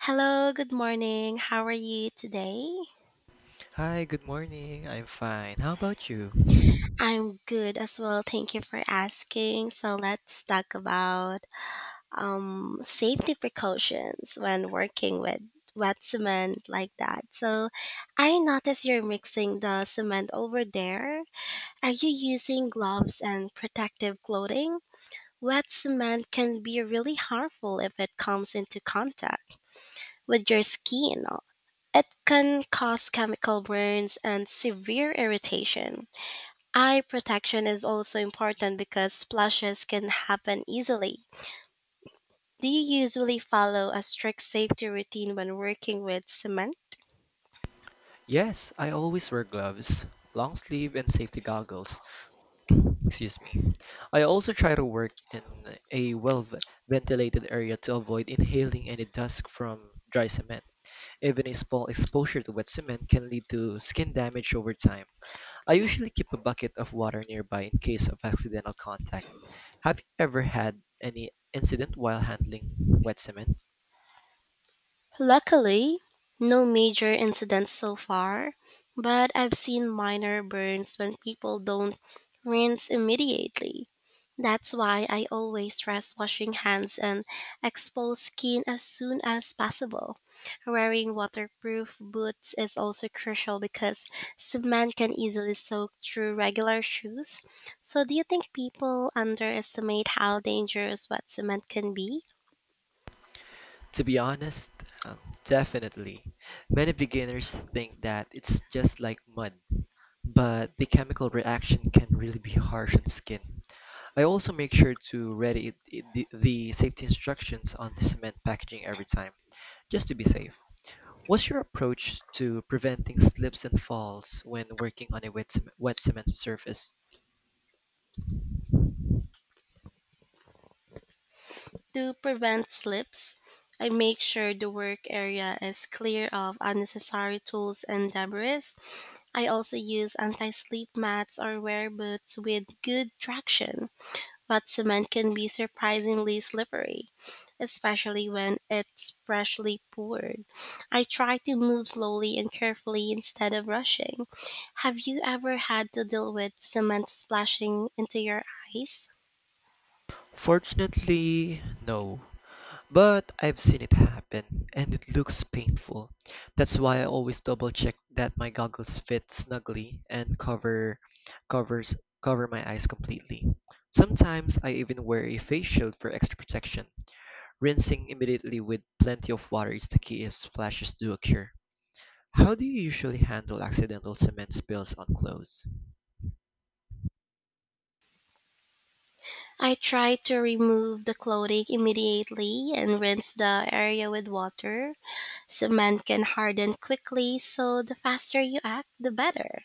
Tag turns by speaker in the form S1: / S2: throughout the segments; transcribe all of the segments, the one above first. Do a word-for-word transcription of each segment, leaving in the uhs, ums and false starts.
S1: Hello, good morning. How are you today?
S2: Hi, good morning. I'm fine. How about you?
S1: I'm good as well. Thank you for asking. So let's talk about um, safety precautions when working with wet cement like that. So I notice you're mixing the cement over there. Are you using gloves and protective clothing? Wet cement can be really harmful if it comes into contact with your skin. It can cause chemical burns and severe irritation. Eye protection is also important because splashes can happen easily. Do you usually follow a strict safety routine when working with cement?
S2: Yes, I always wear gloves, long sleeve, and safety goggles. Excuse me. I also try to work in a well v- ventilated area to avoid inhaling any dust from dry cement. Even a small exposure to wet cement can lead to skin damage over time. I usually keep a bucket of water nearby in case of accidental contact. Have you ever had any incident while handling wet cement?
S1: Luckily, no major incidents so far, but I've seen minor burns when people don't rinse immediately. That's why I always stress washing hands and exposed skin as soon as possible. Wearing waterproof boots is also crucial because cement can easily soak through regular shoes. So, do you think people underestimate how dangerous wet cement can be?
S2: To be honest, um, definitely. Many beginners think that it's just like mud, but the chemical reaction can really be harsh on skin. I also make sure to read it, it- the, the safety instructions on the cement packaging every time, just to be safe. What's your approach to preventing slips and falls when working on a wet, cem- wet cement surface?
S1: To prevent slips, I make sure the work area is clear of unnecessary tools and debris. I also use anti slip mats or wear boots with good traction, but cement can be surprisingly slippery, especially when it's freshly poured. I try to move slowly and carefully instead of rushing. Have you ever had to deal with cement splashing into your eyes?
S2: Fortunately, no. But I've seen it happen, and it looks painful. That's why I always double check that my goggles fit snugly and cover covers cover my eyes completely. Sometimes I even wear a face shield for extra protection. Rinsing immediately with plenty of water is the key if splashes do occur. How do you usually handle accidental cement spills on clothes?
S1: I try to remove the clothing immediately and rinse the area with water. Cement can harden quickly, so the faster you act, the better.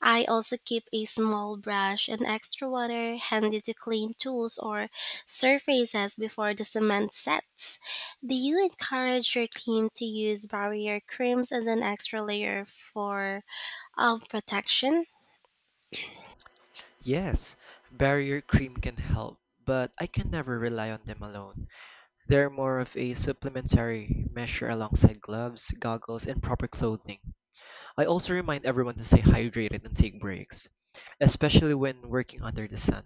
S1: I also keep a small brush and extra water handy to clean tools or surfaces before the cement sets. Do you encourage your team to use barrier creams as an extra layer for of protection?
S2: Yes, barrier cream can help, but I can never rely on them alone. They're more of a supplementary measure alongside gloves, goggles, and proper clothing. I also remind everyone to stay hydrated and take breaks, especially when working under the sun.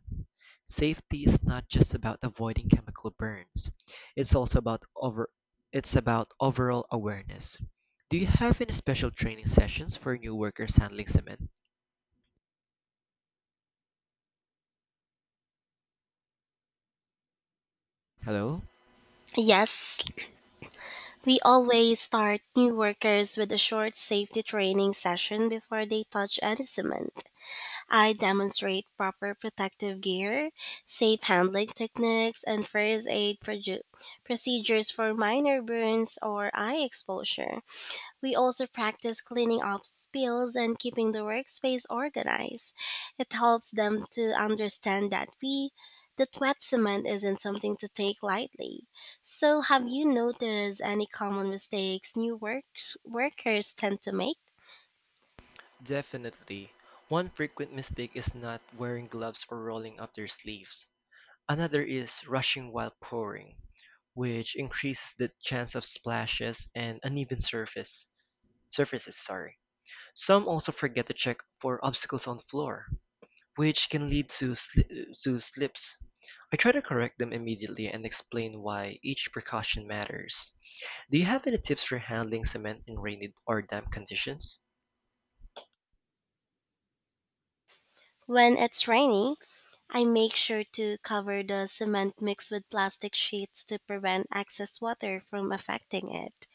S2: Safety is not just about avoiding chemical burns. It's also about over it's about overall awareness. Do you have any special training sessions for new workers handling cement? Hello?
S1: Yes, we always start new workers with a short safety training session before they touch any cement. I demonstrate proper protective gear, safe handling techniques, and first aid produ- procedures for minor burns or eye exposure. We also practice cleaning up spills and keeping the workspace organized. It helps them to understand that we that wet cement isn't something to take lightly. So have you noticed any common mistakes new works workers tend to make?
S2: Definitely. One frequent mistake is not wearing gloves or rolling up their sleeves. Another is rushing while pouring, which increases the chance of splashes and uneven surface surfaces. Sorry. Some also forget to check for obstacles on the floor, which can lead to sli- to slips. I try to correct them immediately and explain why each precaution matters. Do you have any tips for handling cement in rainy or damp conditions?
S1: When it's rainy, I make sure to cover the cement mix with plastic sheets to prevent excess water from affecting it.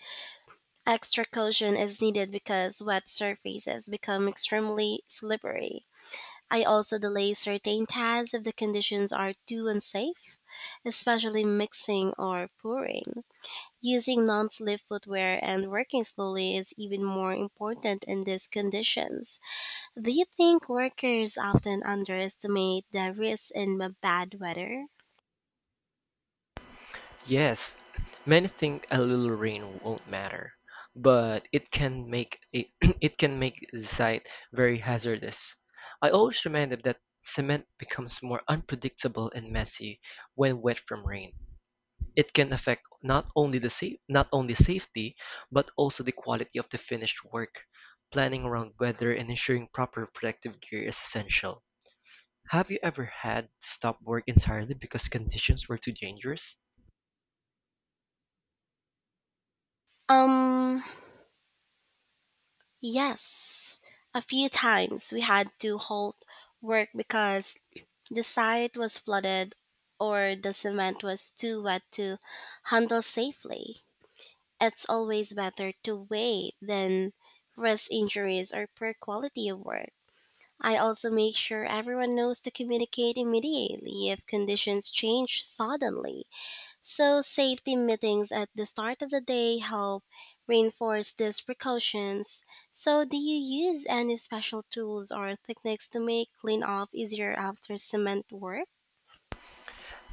S1: Extra caution is needed because wet surfaces become extremely slippery. I also delay certain tasks if the conditions are too unsafe, especially mixing or pouring. Using non slip footwear and working slowly is even more important in these conditions. Do you think workers often underestimate the risks in bad weather?
S2: Yes, many think a little rain won't matter, but it can make it, it can make the site very hazardous. I always remember that cement becomes more unpredictable and messy when wet from rain. It can affect not only the sa- not only safety, but also the quality of the finished work. Planning around weather and ensuring proper protective gear is essential. Have you ever had to stop work entirely because conditions were too dangerous?
S1: Um, Yes, a few times we had to halt work because the site was flooded or the cement was too wet to handle safely. It's always better to wait than risk injuries or poor quality of work. I also make sure everyone knows to communicate immediately if conditions change suddenly. So, safety meetings at the start of the day help reinforce these precautions. So, do you use any special tools or techniques to make cleanup easier after cement work?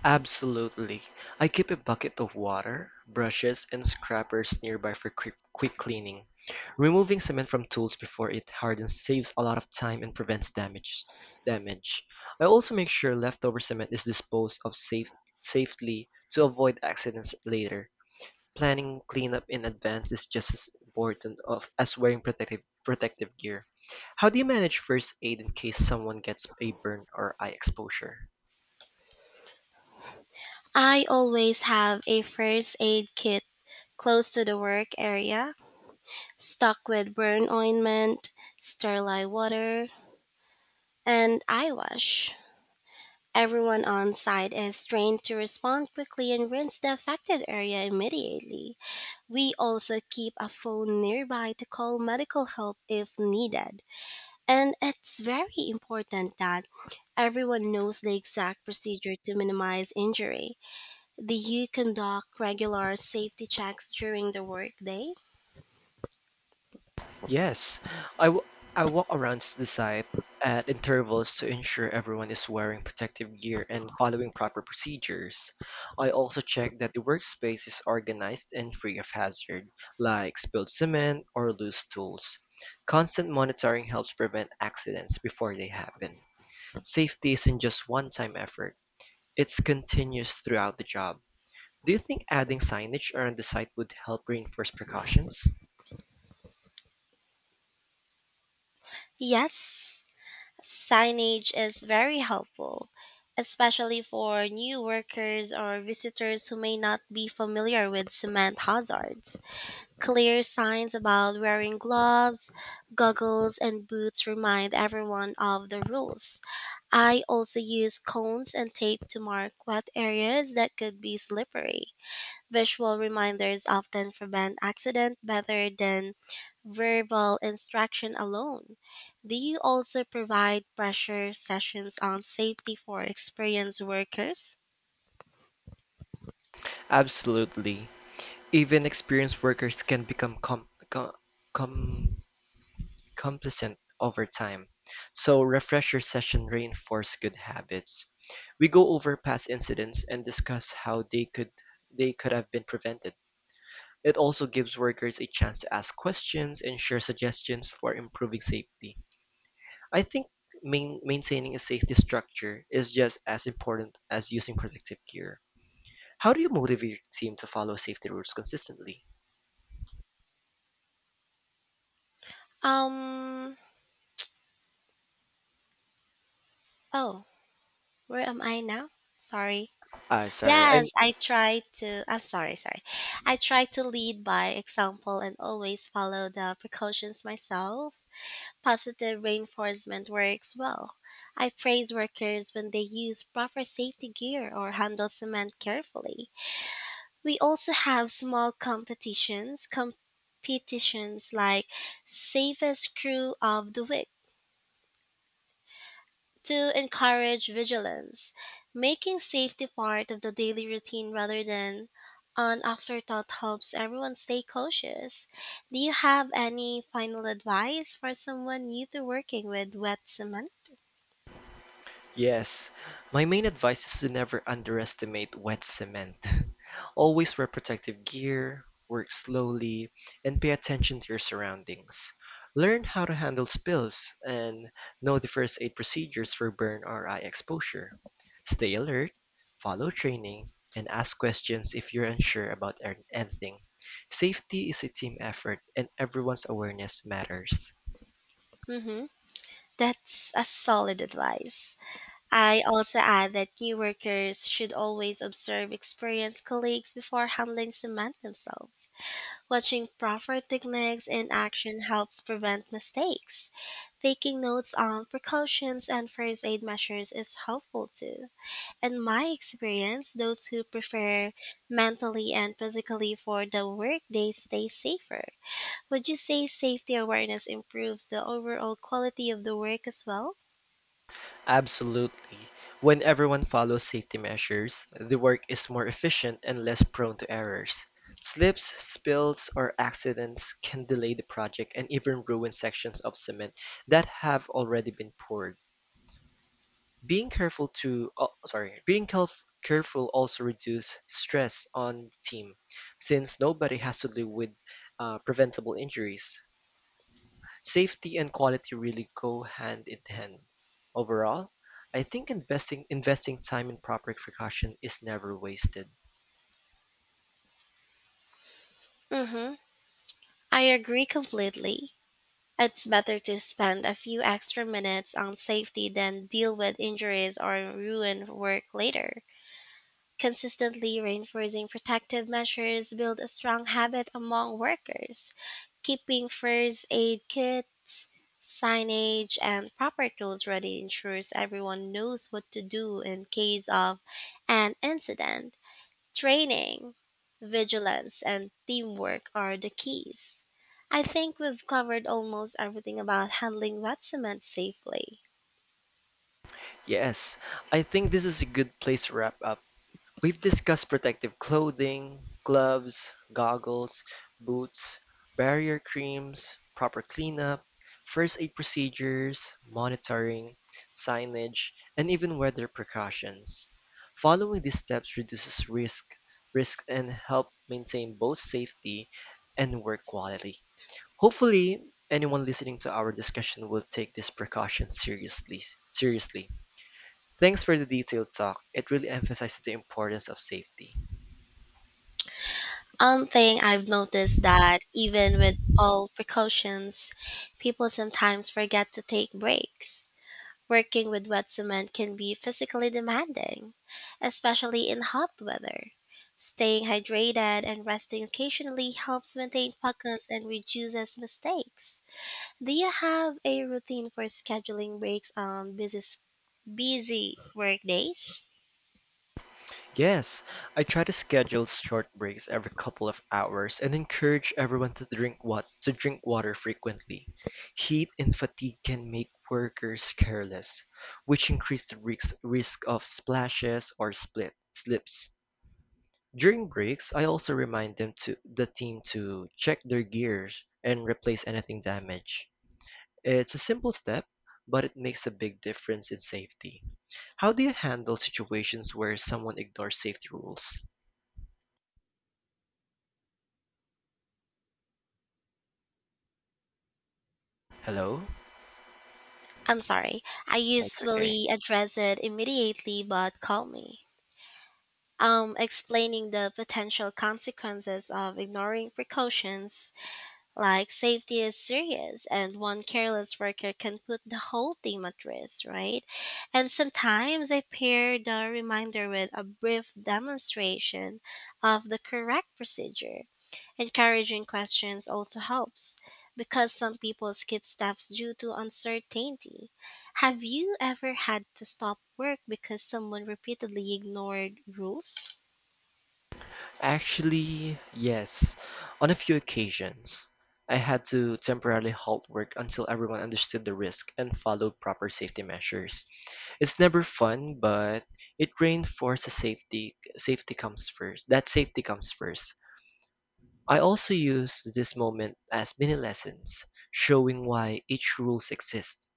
S2: Absolutely. I keep a bucket of water, brushes, and scrubbers nearby for quick, quick cleaning. Removing cement from tools before it hardens saves a lot of time and prevents damage. Damage. I also make sure leftover cement is disposed of safe, safely to avoid accidents later. Planning cleanup in advance is just as important of as wearing protective protective gear. How do you manage first aid in case someone gets a burn or eye exposure?
S1: I always have a first aid kit close to the work area, stocked with burn ointment, sterilized water, and eye wash. Everyone on site is trained to respond quickly and rinse the affected area immediately. We also keep a phone nearby to call medical help if needed. And it's very important that everyone knows the exact procedure to minimize injury. Do you conduct regular safety checks during the workday?
S2: Yes, I w- I walk around the site at intervals to ensure everyone is wearing protective gear and following proper procedures. I also check that the workspace is organized and free of hazard, like spilled cement or loose tools. Constant monitoring helps prevent accidents before they happen. Safety isn't just one-time effort, it's continuous throughout the job. Do you think adding signage around the site would help reinforce precautions?
S1: Yes, signage is very helpful, especially for new workers or visitors who may not be familiar with cement hazards. Clear signs about wearing gloves, goggles, and boots remind everyone of the rules. I also use cones and tape to mark wet areas that could be slippery. Visual reminders often prevent accident better than verbal instruction alone. Do you also provide pressure sessions on safety for experienced workers?
S2: Absolutely. Even experienced workers can become com- com- com- complicit over time. So refresher sessions reinforce good habits. We go over past incidents and discuss how they could they could have been prevented. It also gives workers a chance to ask questions and share suggestions for improving safety. I think main, maintaining a safety structure is just as important as using protective gear. How do you motivate your team to follow safety rules consistently?
S1: Um, oh, where am I now? Sorry.
S2: Ah, sorry, I
S1: Yes, I try to. I'm sorry, sorry. I try to lead by example and always follow the precautions myself. Positive reinforcement works well. I praise workers when they use proper safety gear or handle cement carefully. We also have small competitions, competitions like safest crew of the week to encourage vigilance, making safety part of the daily routine rather than an afterthought helps everyone stay cautious. Do you have any final advice for someone new to working with wet cement?
S2: Yes, my main advice is to never underestimate wet cement. Always wear protective gear, work slowly, and pay attention to your surroundings. Learn how to handle spills and know the first aid procedures for burn or eye exposure. Stay alert, follow training, and ask questions if you're unsure about an- anything. Safety is a team effort and everyone's awareness matters.
S1: Mm-hmm. That's a solid advice. I also add that new workers should always observe experienced colleagues before handling cement themselves. Watching proper techniques in action helps prevent mistakes. Taking notes on precautions and first aid measures is helpful too. In my experience, those who prepare mentally and physically for the workday stay safer. Would you say safety awareness improves the overall quality of the work as well?
S2: Absolutely. When everyone follows safety measures, the work is more efficient and less prone to errors. Slips, spills, or accidents can delay the project and even ruin sections of cement that have already been poured. Being careful to, oh, sorry, being caref- careful also reduce stress on the team, since nobody has to live with uh, preventable injuries. Safety and quality really go hand in hand. Overall, I think investing investing time in proper precaution is never wasted.
S1: Mm-hmm. I agree completely. It's better to spend a few extra minutes on safety than deal with injuries or ruin work later. Consistently reinforcing protective measures build a strong habit among workers. Keeping first aid kits, signage, and proper tools ready ensures everyone knows what to do in case of an incident. Training, vigilance, and teamwork are the keys. I think we've covered almost everything about handling wet cement safely.
S2: Yes, I think this is a good place to wrap up. We've discussed protective clothing, gloves, goggles, boots, barrier creams, proper cleanup, first aid procedures, monitoring, signage, and even weather precautions. Following these steps reduces risk, risk and help maintain both safety and work quality. Hopefully, anyone listening to our discussion will take these precautions seriously. Seriously. Thanks for the detailed talk. It really emphasizes the importance of safety.
S1: One thing I've noticed that even with all precautions, people sometimes forget to take breaks. Working with wet cement can be physically demanding, especially in hot weather. Staying hydrated and resting occasionally helps maintain focus and reduces mistakes. Do you have a routine for scheduling breaks on busy busy work days?
S2: Yes, I try to schedule short breaks every couple of hours and encourage everyone to drink what to drink water frequently. Heat and fatigue can make workers careless, which increase the risk, risk of splashes or split slips. During breaks, I also remind them to the team to check their gears and replace anything damaged. It's a simple step, but it makes a big difference in safety. How do you handle situations where someone ignores safety rules? Hello?
S1: I'm sorry. I
S2: That's okay.
S1: usually address it immediately, but call me. Um, explaining the potential consequences of ignoring precautions, like safety is serious, and one careless worker can put the whole team at risk, right? And sometimes I pair the reminder with a brief demonstration of the correct procedure. Encouraging questions also helps because some people skip steps due to uncertainty. Have you ever had to stop work because someone repeatedly ignored rules?
S2: Actually, yes. On a few occasions, I had to temporarily halt work until everyone understood the risk and followed proper safety measures. It's never fun, but it reinforces safety safety comes first. That safety comes first. I also use this moment as mini lessons, showing why each rules exist.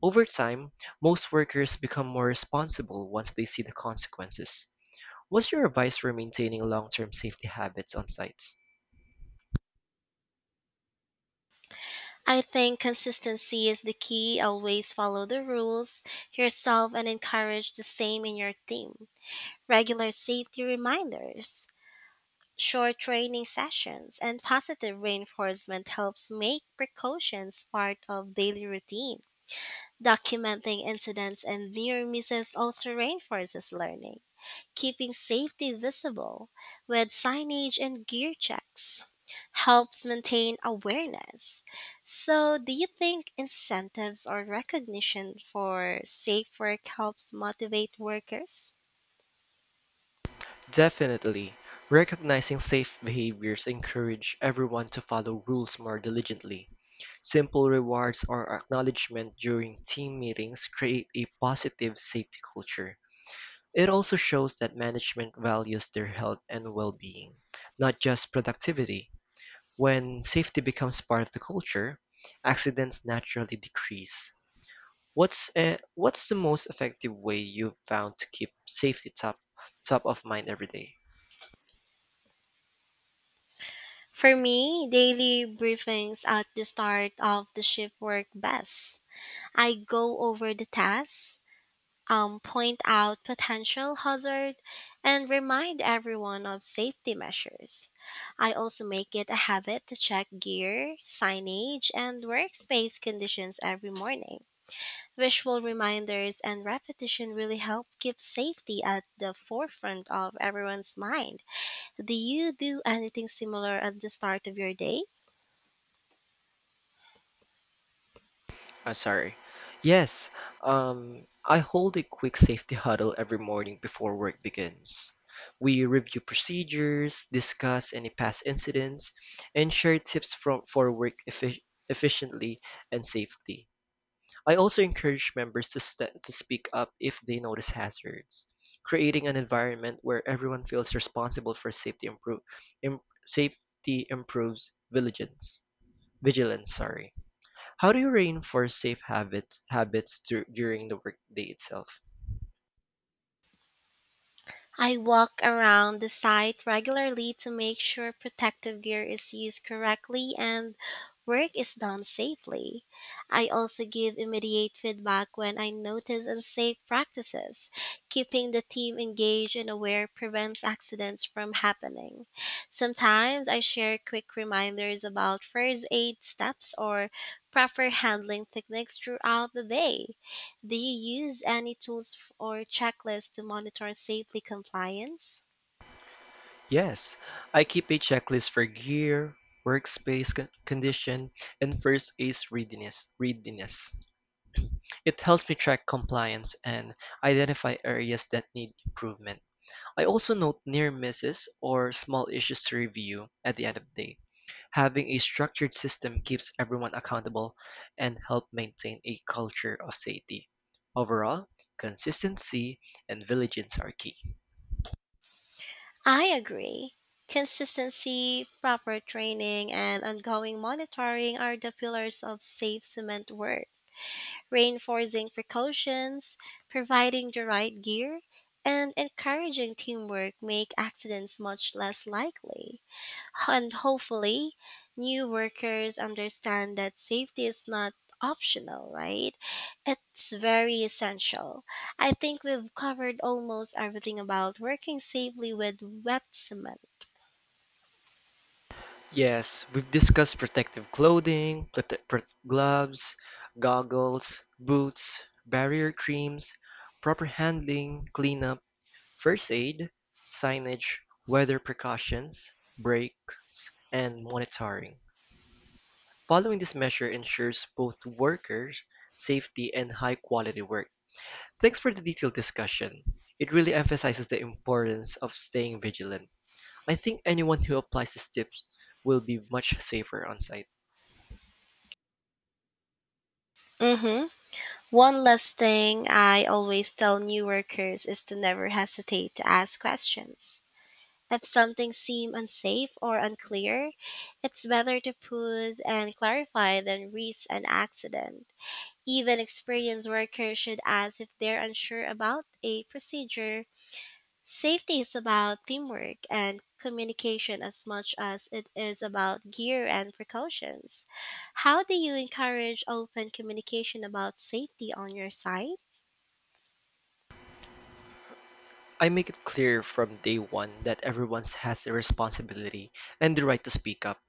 S2: Over time, most workers become more responsible once they see the consequences. What's your advice for maintaining long-term safety habits on sites?
S1: I think consistency is the key. Always follow the rules yourself and encourage the same in your team. Regular safety reminders, short training sessions, and positive reinforcement helps make precautions part of daily routine. Documenting incidents and near misses also reinforces learning, keeping safety visible with signage and gear checks helps maintain awareness. So, do you think incentives or recognition for safe work helps motivate workers?
S2: Definitely. Recognizing safe behaviors encourage everyone to follow rules more diligently. Simple rewards or acknowledgement during team meetings create a positive safety culture. It also shows that management values their health and well-being, not just productivity. When safety becomes part of the culture, accidents naturally decrease. What's uh? what's the most effective way you've found to keep safety top top of mind every day?
S1: For me, daily briefings at the start of the shift work best. I go over the tasks, um, point out potential hazard, and remind everyone of safety measures. I also make it a habit to check gear, signage, and workspace conditions every morning. Visual reminders and repetition really help keep safety at the forefront of everyone's mind. Do you do anything similar at the start of your day?
S2: Uh, sorry. Yes, um, I hold a quick safety huddle every morning before work begins. We review procedures, discuss any past incidents, and share tips from for work effi- efficiently and safely. I also encourage members to, st- to speak up if they notice hazards, creating an environment where everyone feels responsible for safety improve im- safety improves vigilance. Vigilance, sorry. How do you reinforce safe habits habits dur- during the workday itself?
S1: I walk around the site regularly to make sure protective gear is used correctly and work is done safely. I also give immediate feedback when I notice unsafe practices. Keeping the team engaged and aware prevents accidents from happening. Sometimes I share quick reminders about first aid steps or proper handling techniques throughout the day. Do you use any tools f- or checklists to monitor safely compliance?
S2: Yes, I keep a checklist for gear, workspace con- condition, and first aid readiness. Readiness. It helps me track compliance and identify areas that need improvement. I also note near misses or small issues to review at the end of the day. Having a structured system keeps everyone accountable and help maintain a culture of safety. Overall, consistency and vigilance are key.
S1: I agree. Consistency, proper training, and ongoing monitoring are the pillars of safe cement work. Reinforcing precautions, providing the right gear, and encouraging teamwork make accidents much less likely. And hopefully, new workers understand that safety is not optional, right? It's very essential. I think we've covered almost everything about working safely with wet cement.
S2: Yes, we've discussed protective clothing, prote- pro- gloves, goggles, boots, barrier creams, proper handling, cleanup, first aid, signage, weather precautions, breaks, and monitoring. Following this measure ensures both workers' safety and high-quality work. Thanks for the detailed discussion. It really emphasizes the importance of staying vigilant. I think anyone who applies these tips will be much safer on site.
S1: Mm-hmm. One last thing I always tell new workers is to never hesitate to ask questions. If something seems unsafe or unclear, it's better to pause and clarify than risk an accident. Even experienced workers should ask if they're unsure about a procedure. Safety is about teamwork and communication as much as it is about gear and precautions. How do you encourage open communication about safety on your site?
S2: I make it clear from day one that everyone has a responsibility and the right to speak up.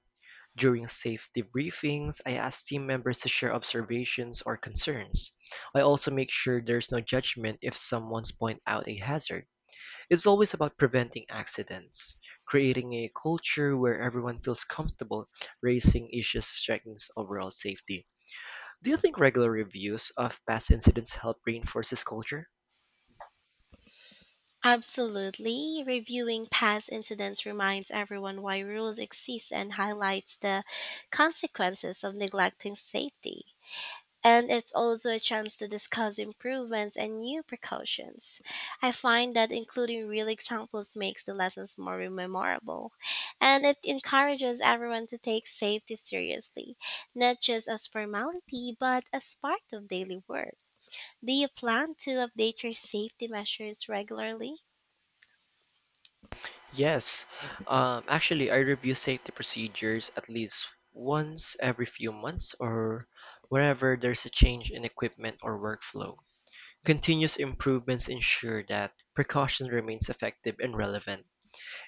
S2: During safety briefings, I ask team members to share observations or concerns. I also make sure there's no judgment if someone's point out a hazard. It's always about preventing accidents, creating a culture where everyone feels comfortable raising issues strengthens overall safety. Do you think regular reviews of past incidents help reinforce this culture?
S1: Absolutely. Reviewing past incidents reminds everyone why rules exist and highlights the consequences of neglecting safety. And it's also a chance to discuss improvements and new precautions. I find that including real examples makes the lessons more memorable, and it encourages everyone to take safety seriously, not just as formality but as part of daily work. Do you plan to update your safety measures regularly?
S2: Yes, um, actually, I review safety procedures at least once every few months or wherever there's a change in equipment or workflow. Continuous improvements ensure that precaution remains effective and relevant.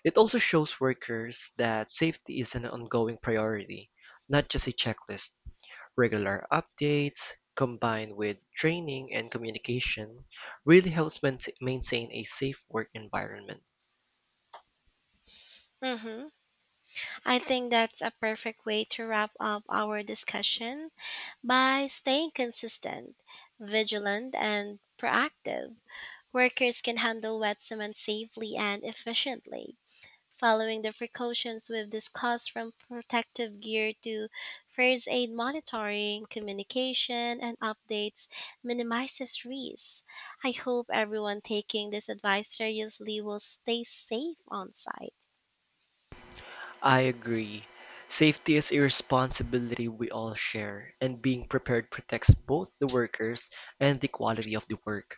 S2: It also shows workers that safety is an ongoing priority, not just a checklist. Regular updates combined with training and communication really helps maintain maintain a safe work environment.
S1: Mm-hmm. I think that's a perfect way to wrap up our discussion by staying consistent, vigilant, and proactive. Workers can handle wet cement safely and efficiently, following the precautions we've discussed from protective gear to first aid monitoring, communication, and updates minimizes risks. I hope everyone taking this advice seriously will stay safe on site.
S2: I agree. Safety is a responsibility we all share, and being prepared protects both the workers and the quality of the work.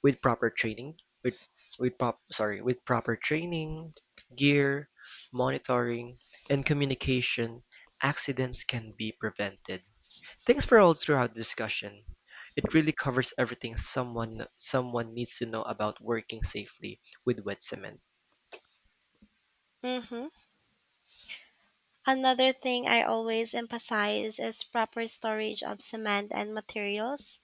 S2: With proper training, with with prop, sorry, with proper training, gear, monitoring, and communication, accidents can be prevented. Thanks for all throughout the discussion. It really covers everything someone someone needs to know about working safely with wet cement.
S1: Mm-hmm. Another thing I always emphasize is proper storage of cement and materials,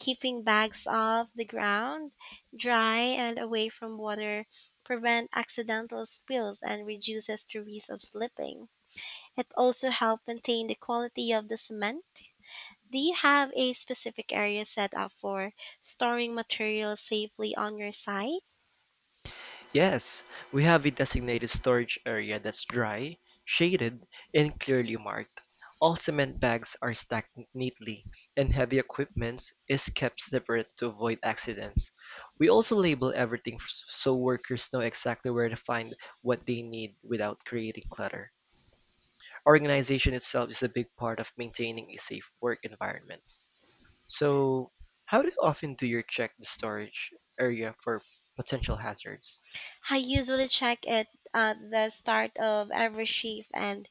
S1: keeping bags off the ground, dry and away from water prevent accidental spills and reduces the risk of slipping. It also helps maintain the quality of the cement. Do you have a specific area set up for storing materials safely on your site?
S2: Yes, we have a designated storage area that's dry, shaded, and clearly marked. All cement bags are stacked neatly, and heavy equipment is kept separate to avoid accidents. We also label everything f- so workers know exactly where to find what they need without creating clutter. Organization itself is a big part of maintaining a safe work environment. So, how do often do you check the storage area for potential hazards?
S1: I usually check it at the start of every shift and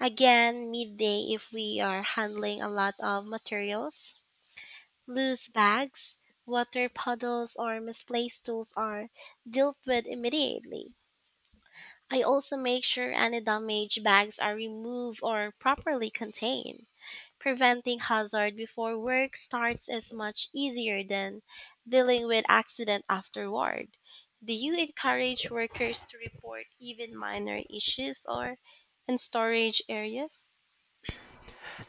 S1: again midday if we are handling a lot of materials. Loose bags, water puddles, or misplaced tools are dealt with immediately. I also make sure any damaged bags are removed or properly contained. Preventing hazard before work starts is much easier than dealing with accident afterward. Do you encourage workers to report even minor issues or in storage areas?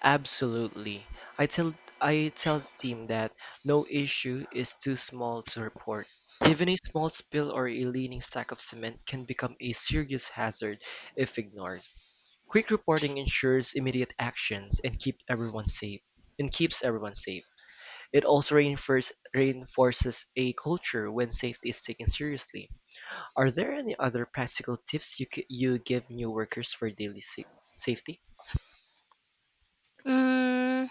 S2: Absolutely. I tell I tell the team that no issue is too small to report. Even a small spill or a leaning stack of cement can become a serious hazard if ignored. Quick reporting ensures immediate actions and keeps everyone safe. And keeps everyone safe. It also reinforce, reinforces a culture when safety is taken seriously. Are there any other practical tips you c- you give new workers for daily sa- safety?
S1: Mm,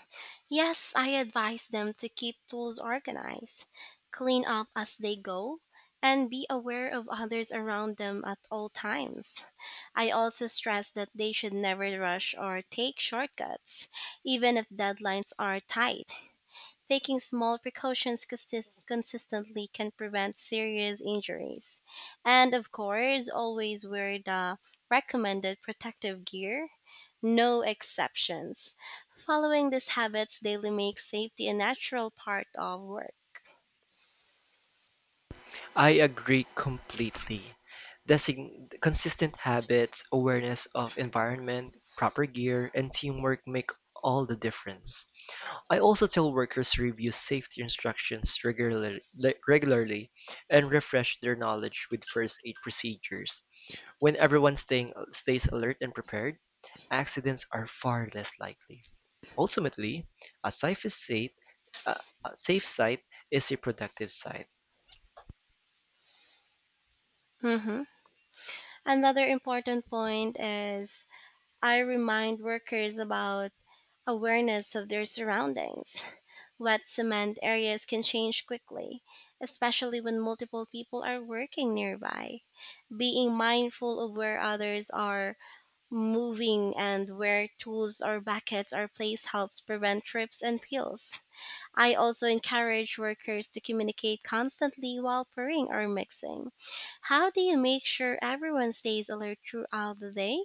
S1: yes, I advise them to keep tools organized, clean up as they go, and be aware of others around them at all times. I also stress that they should never rush or take shortcuts, even if deadlines are tight. Taking small precautions consist- consistently can prevent serious injuries. And of course, always wear the recommended protective gear, no exceptions. Following these habits daily makes safety a natural part of work.
S2: I agree completely. Design- consistent habits, awareness of environment, proper gear, and teamwork make all the difference. I also tell workers to review safety instructions regularly, regularly and refresh their knowledge with first aid procedures. When everyone staying, stays alert and prepared, accidents are far less likely. Ultimately, a safe is site, a a safe site is a productive site.
S1: Mm-hmm. Another important point is I remind workers about awareness of their surroundings. Wet cement areas can change quickly, especially when multiple people are working nearby. Being mindful of where others are moving and where tools or buckets are placed helps prevent trips and spills. I also encourage workers to communicate constantly while pouring or mixing. How do you make sure everyone stays alert throughout the day?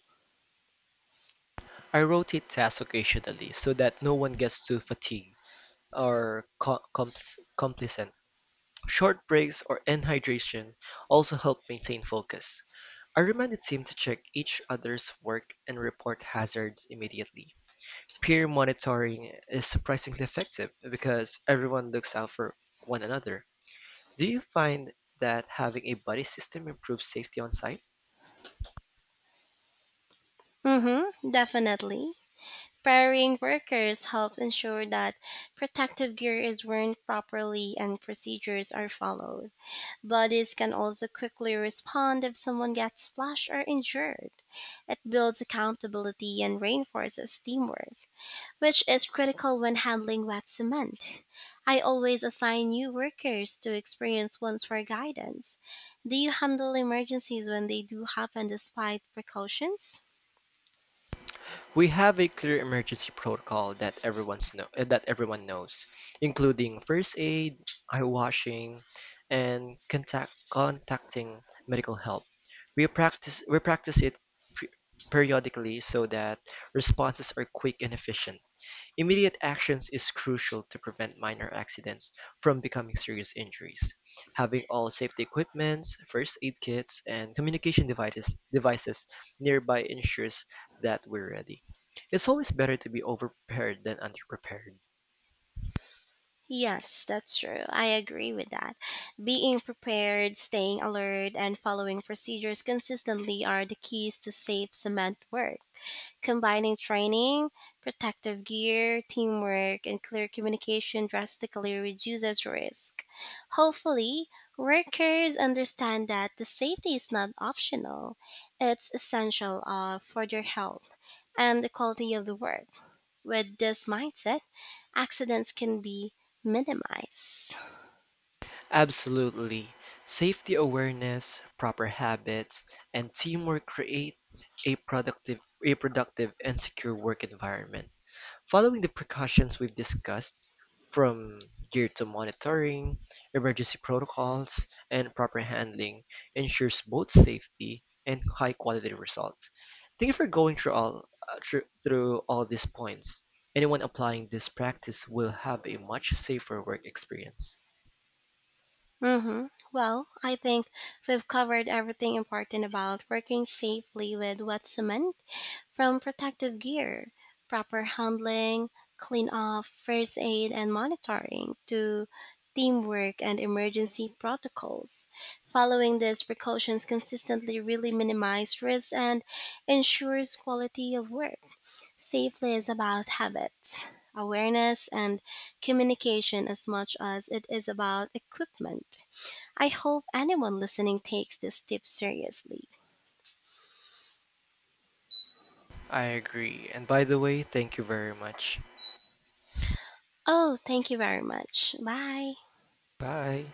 S2: I rotate tasks occasionally so that no one gets too fatigued or co- compl- complacent. Short breaks or hydration also help maintain focus. I remind the team to check each other's work and report hazards immediately. Peer monitoring is surprisingly effective because everyone looks out for one another. Do you find that having a buddy system improves safety on site?
S1: Mm-hmm, definitely. Pairing workers helps ensure that protective gear is worn properly and procedures are followed. Bodies can also quickly respond if someone gets splashed or injured. It builds accountability and reinforces teamwork, which is critical when handling wet cement. I always assign new workers to experienced ones for guidance. Do you handle emergencies when they do happen despite precautions?
S2: We have a clear emergency protocol that everyone's know uh, that everyone knows, including first aid, eye washing, and contact contacting medical help. We practice we practice it periodically so that responses are quick and efficient. Immediate actions is crucial to prevent minor accidents from becoming serious injuries. Having all safety equipments, first aid kits, and communication devices, devices nearby ensures that we're ready. It's always better to be overprepared than underprepared.
S1: Yes, that's true. I agree with that. Being prepared, staying alert, and following procedures consistently are the keys to safe cement work. Combining training, protective gear, teamwork, and clear communication drastically reduces risk. Hopefully, workers understand that the safety is not optional, it's essential uh, for their health and the quality of the work. With this mindset, accidents can be minimized.
S2: Absolutely. Safety awareness, proper habits, and teamwork create a productive, a productive and secure work environment. Following the precautions we've discussed, from gear to monitoring, emergency protocols, and proper handling, ensures both safety and high-quality results. Thank you for going through all uh, through, through all these points. Anyone applying this practice will have a much safer work experience.
S1: Hmm. Well, I think we've covered everything important about working safely with wet cement, from protective gear, proper handling, clean off, first aid, and monitoring to teamwork and emergency protocols. Following these precautions consistently really minimizes risks and ensures quality of work. Safely is about habits, awareness, and communication as much as it is about equipment. I hope anyone listening takes these tips seriously.
S2: I agree. And by the way, thank you very much.
S1: Oh, thank you very much. Bye.
S2: Bye.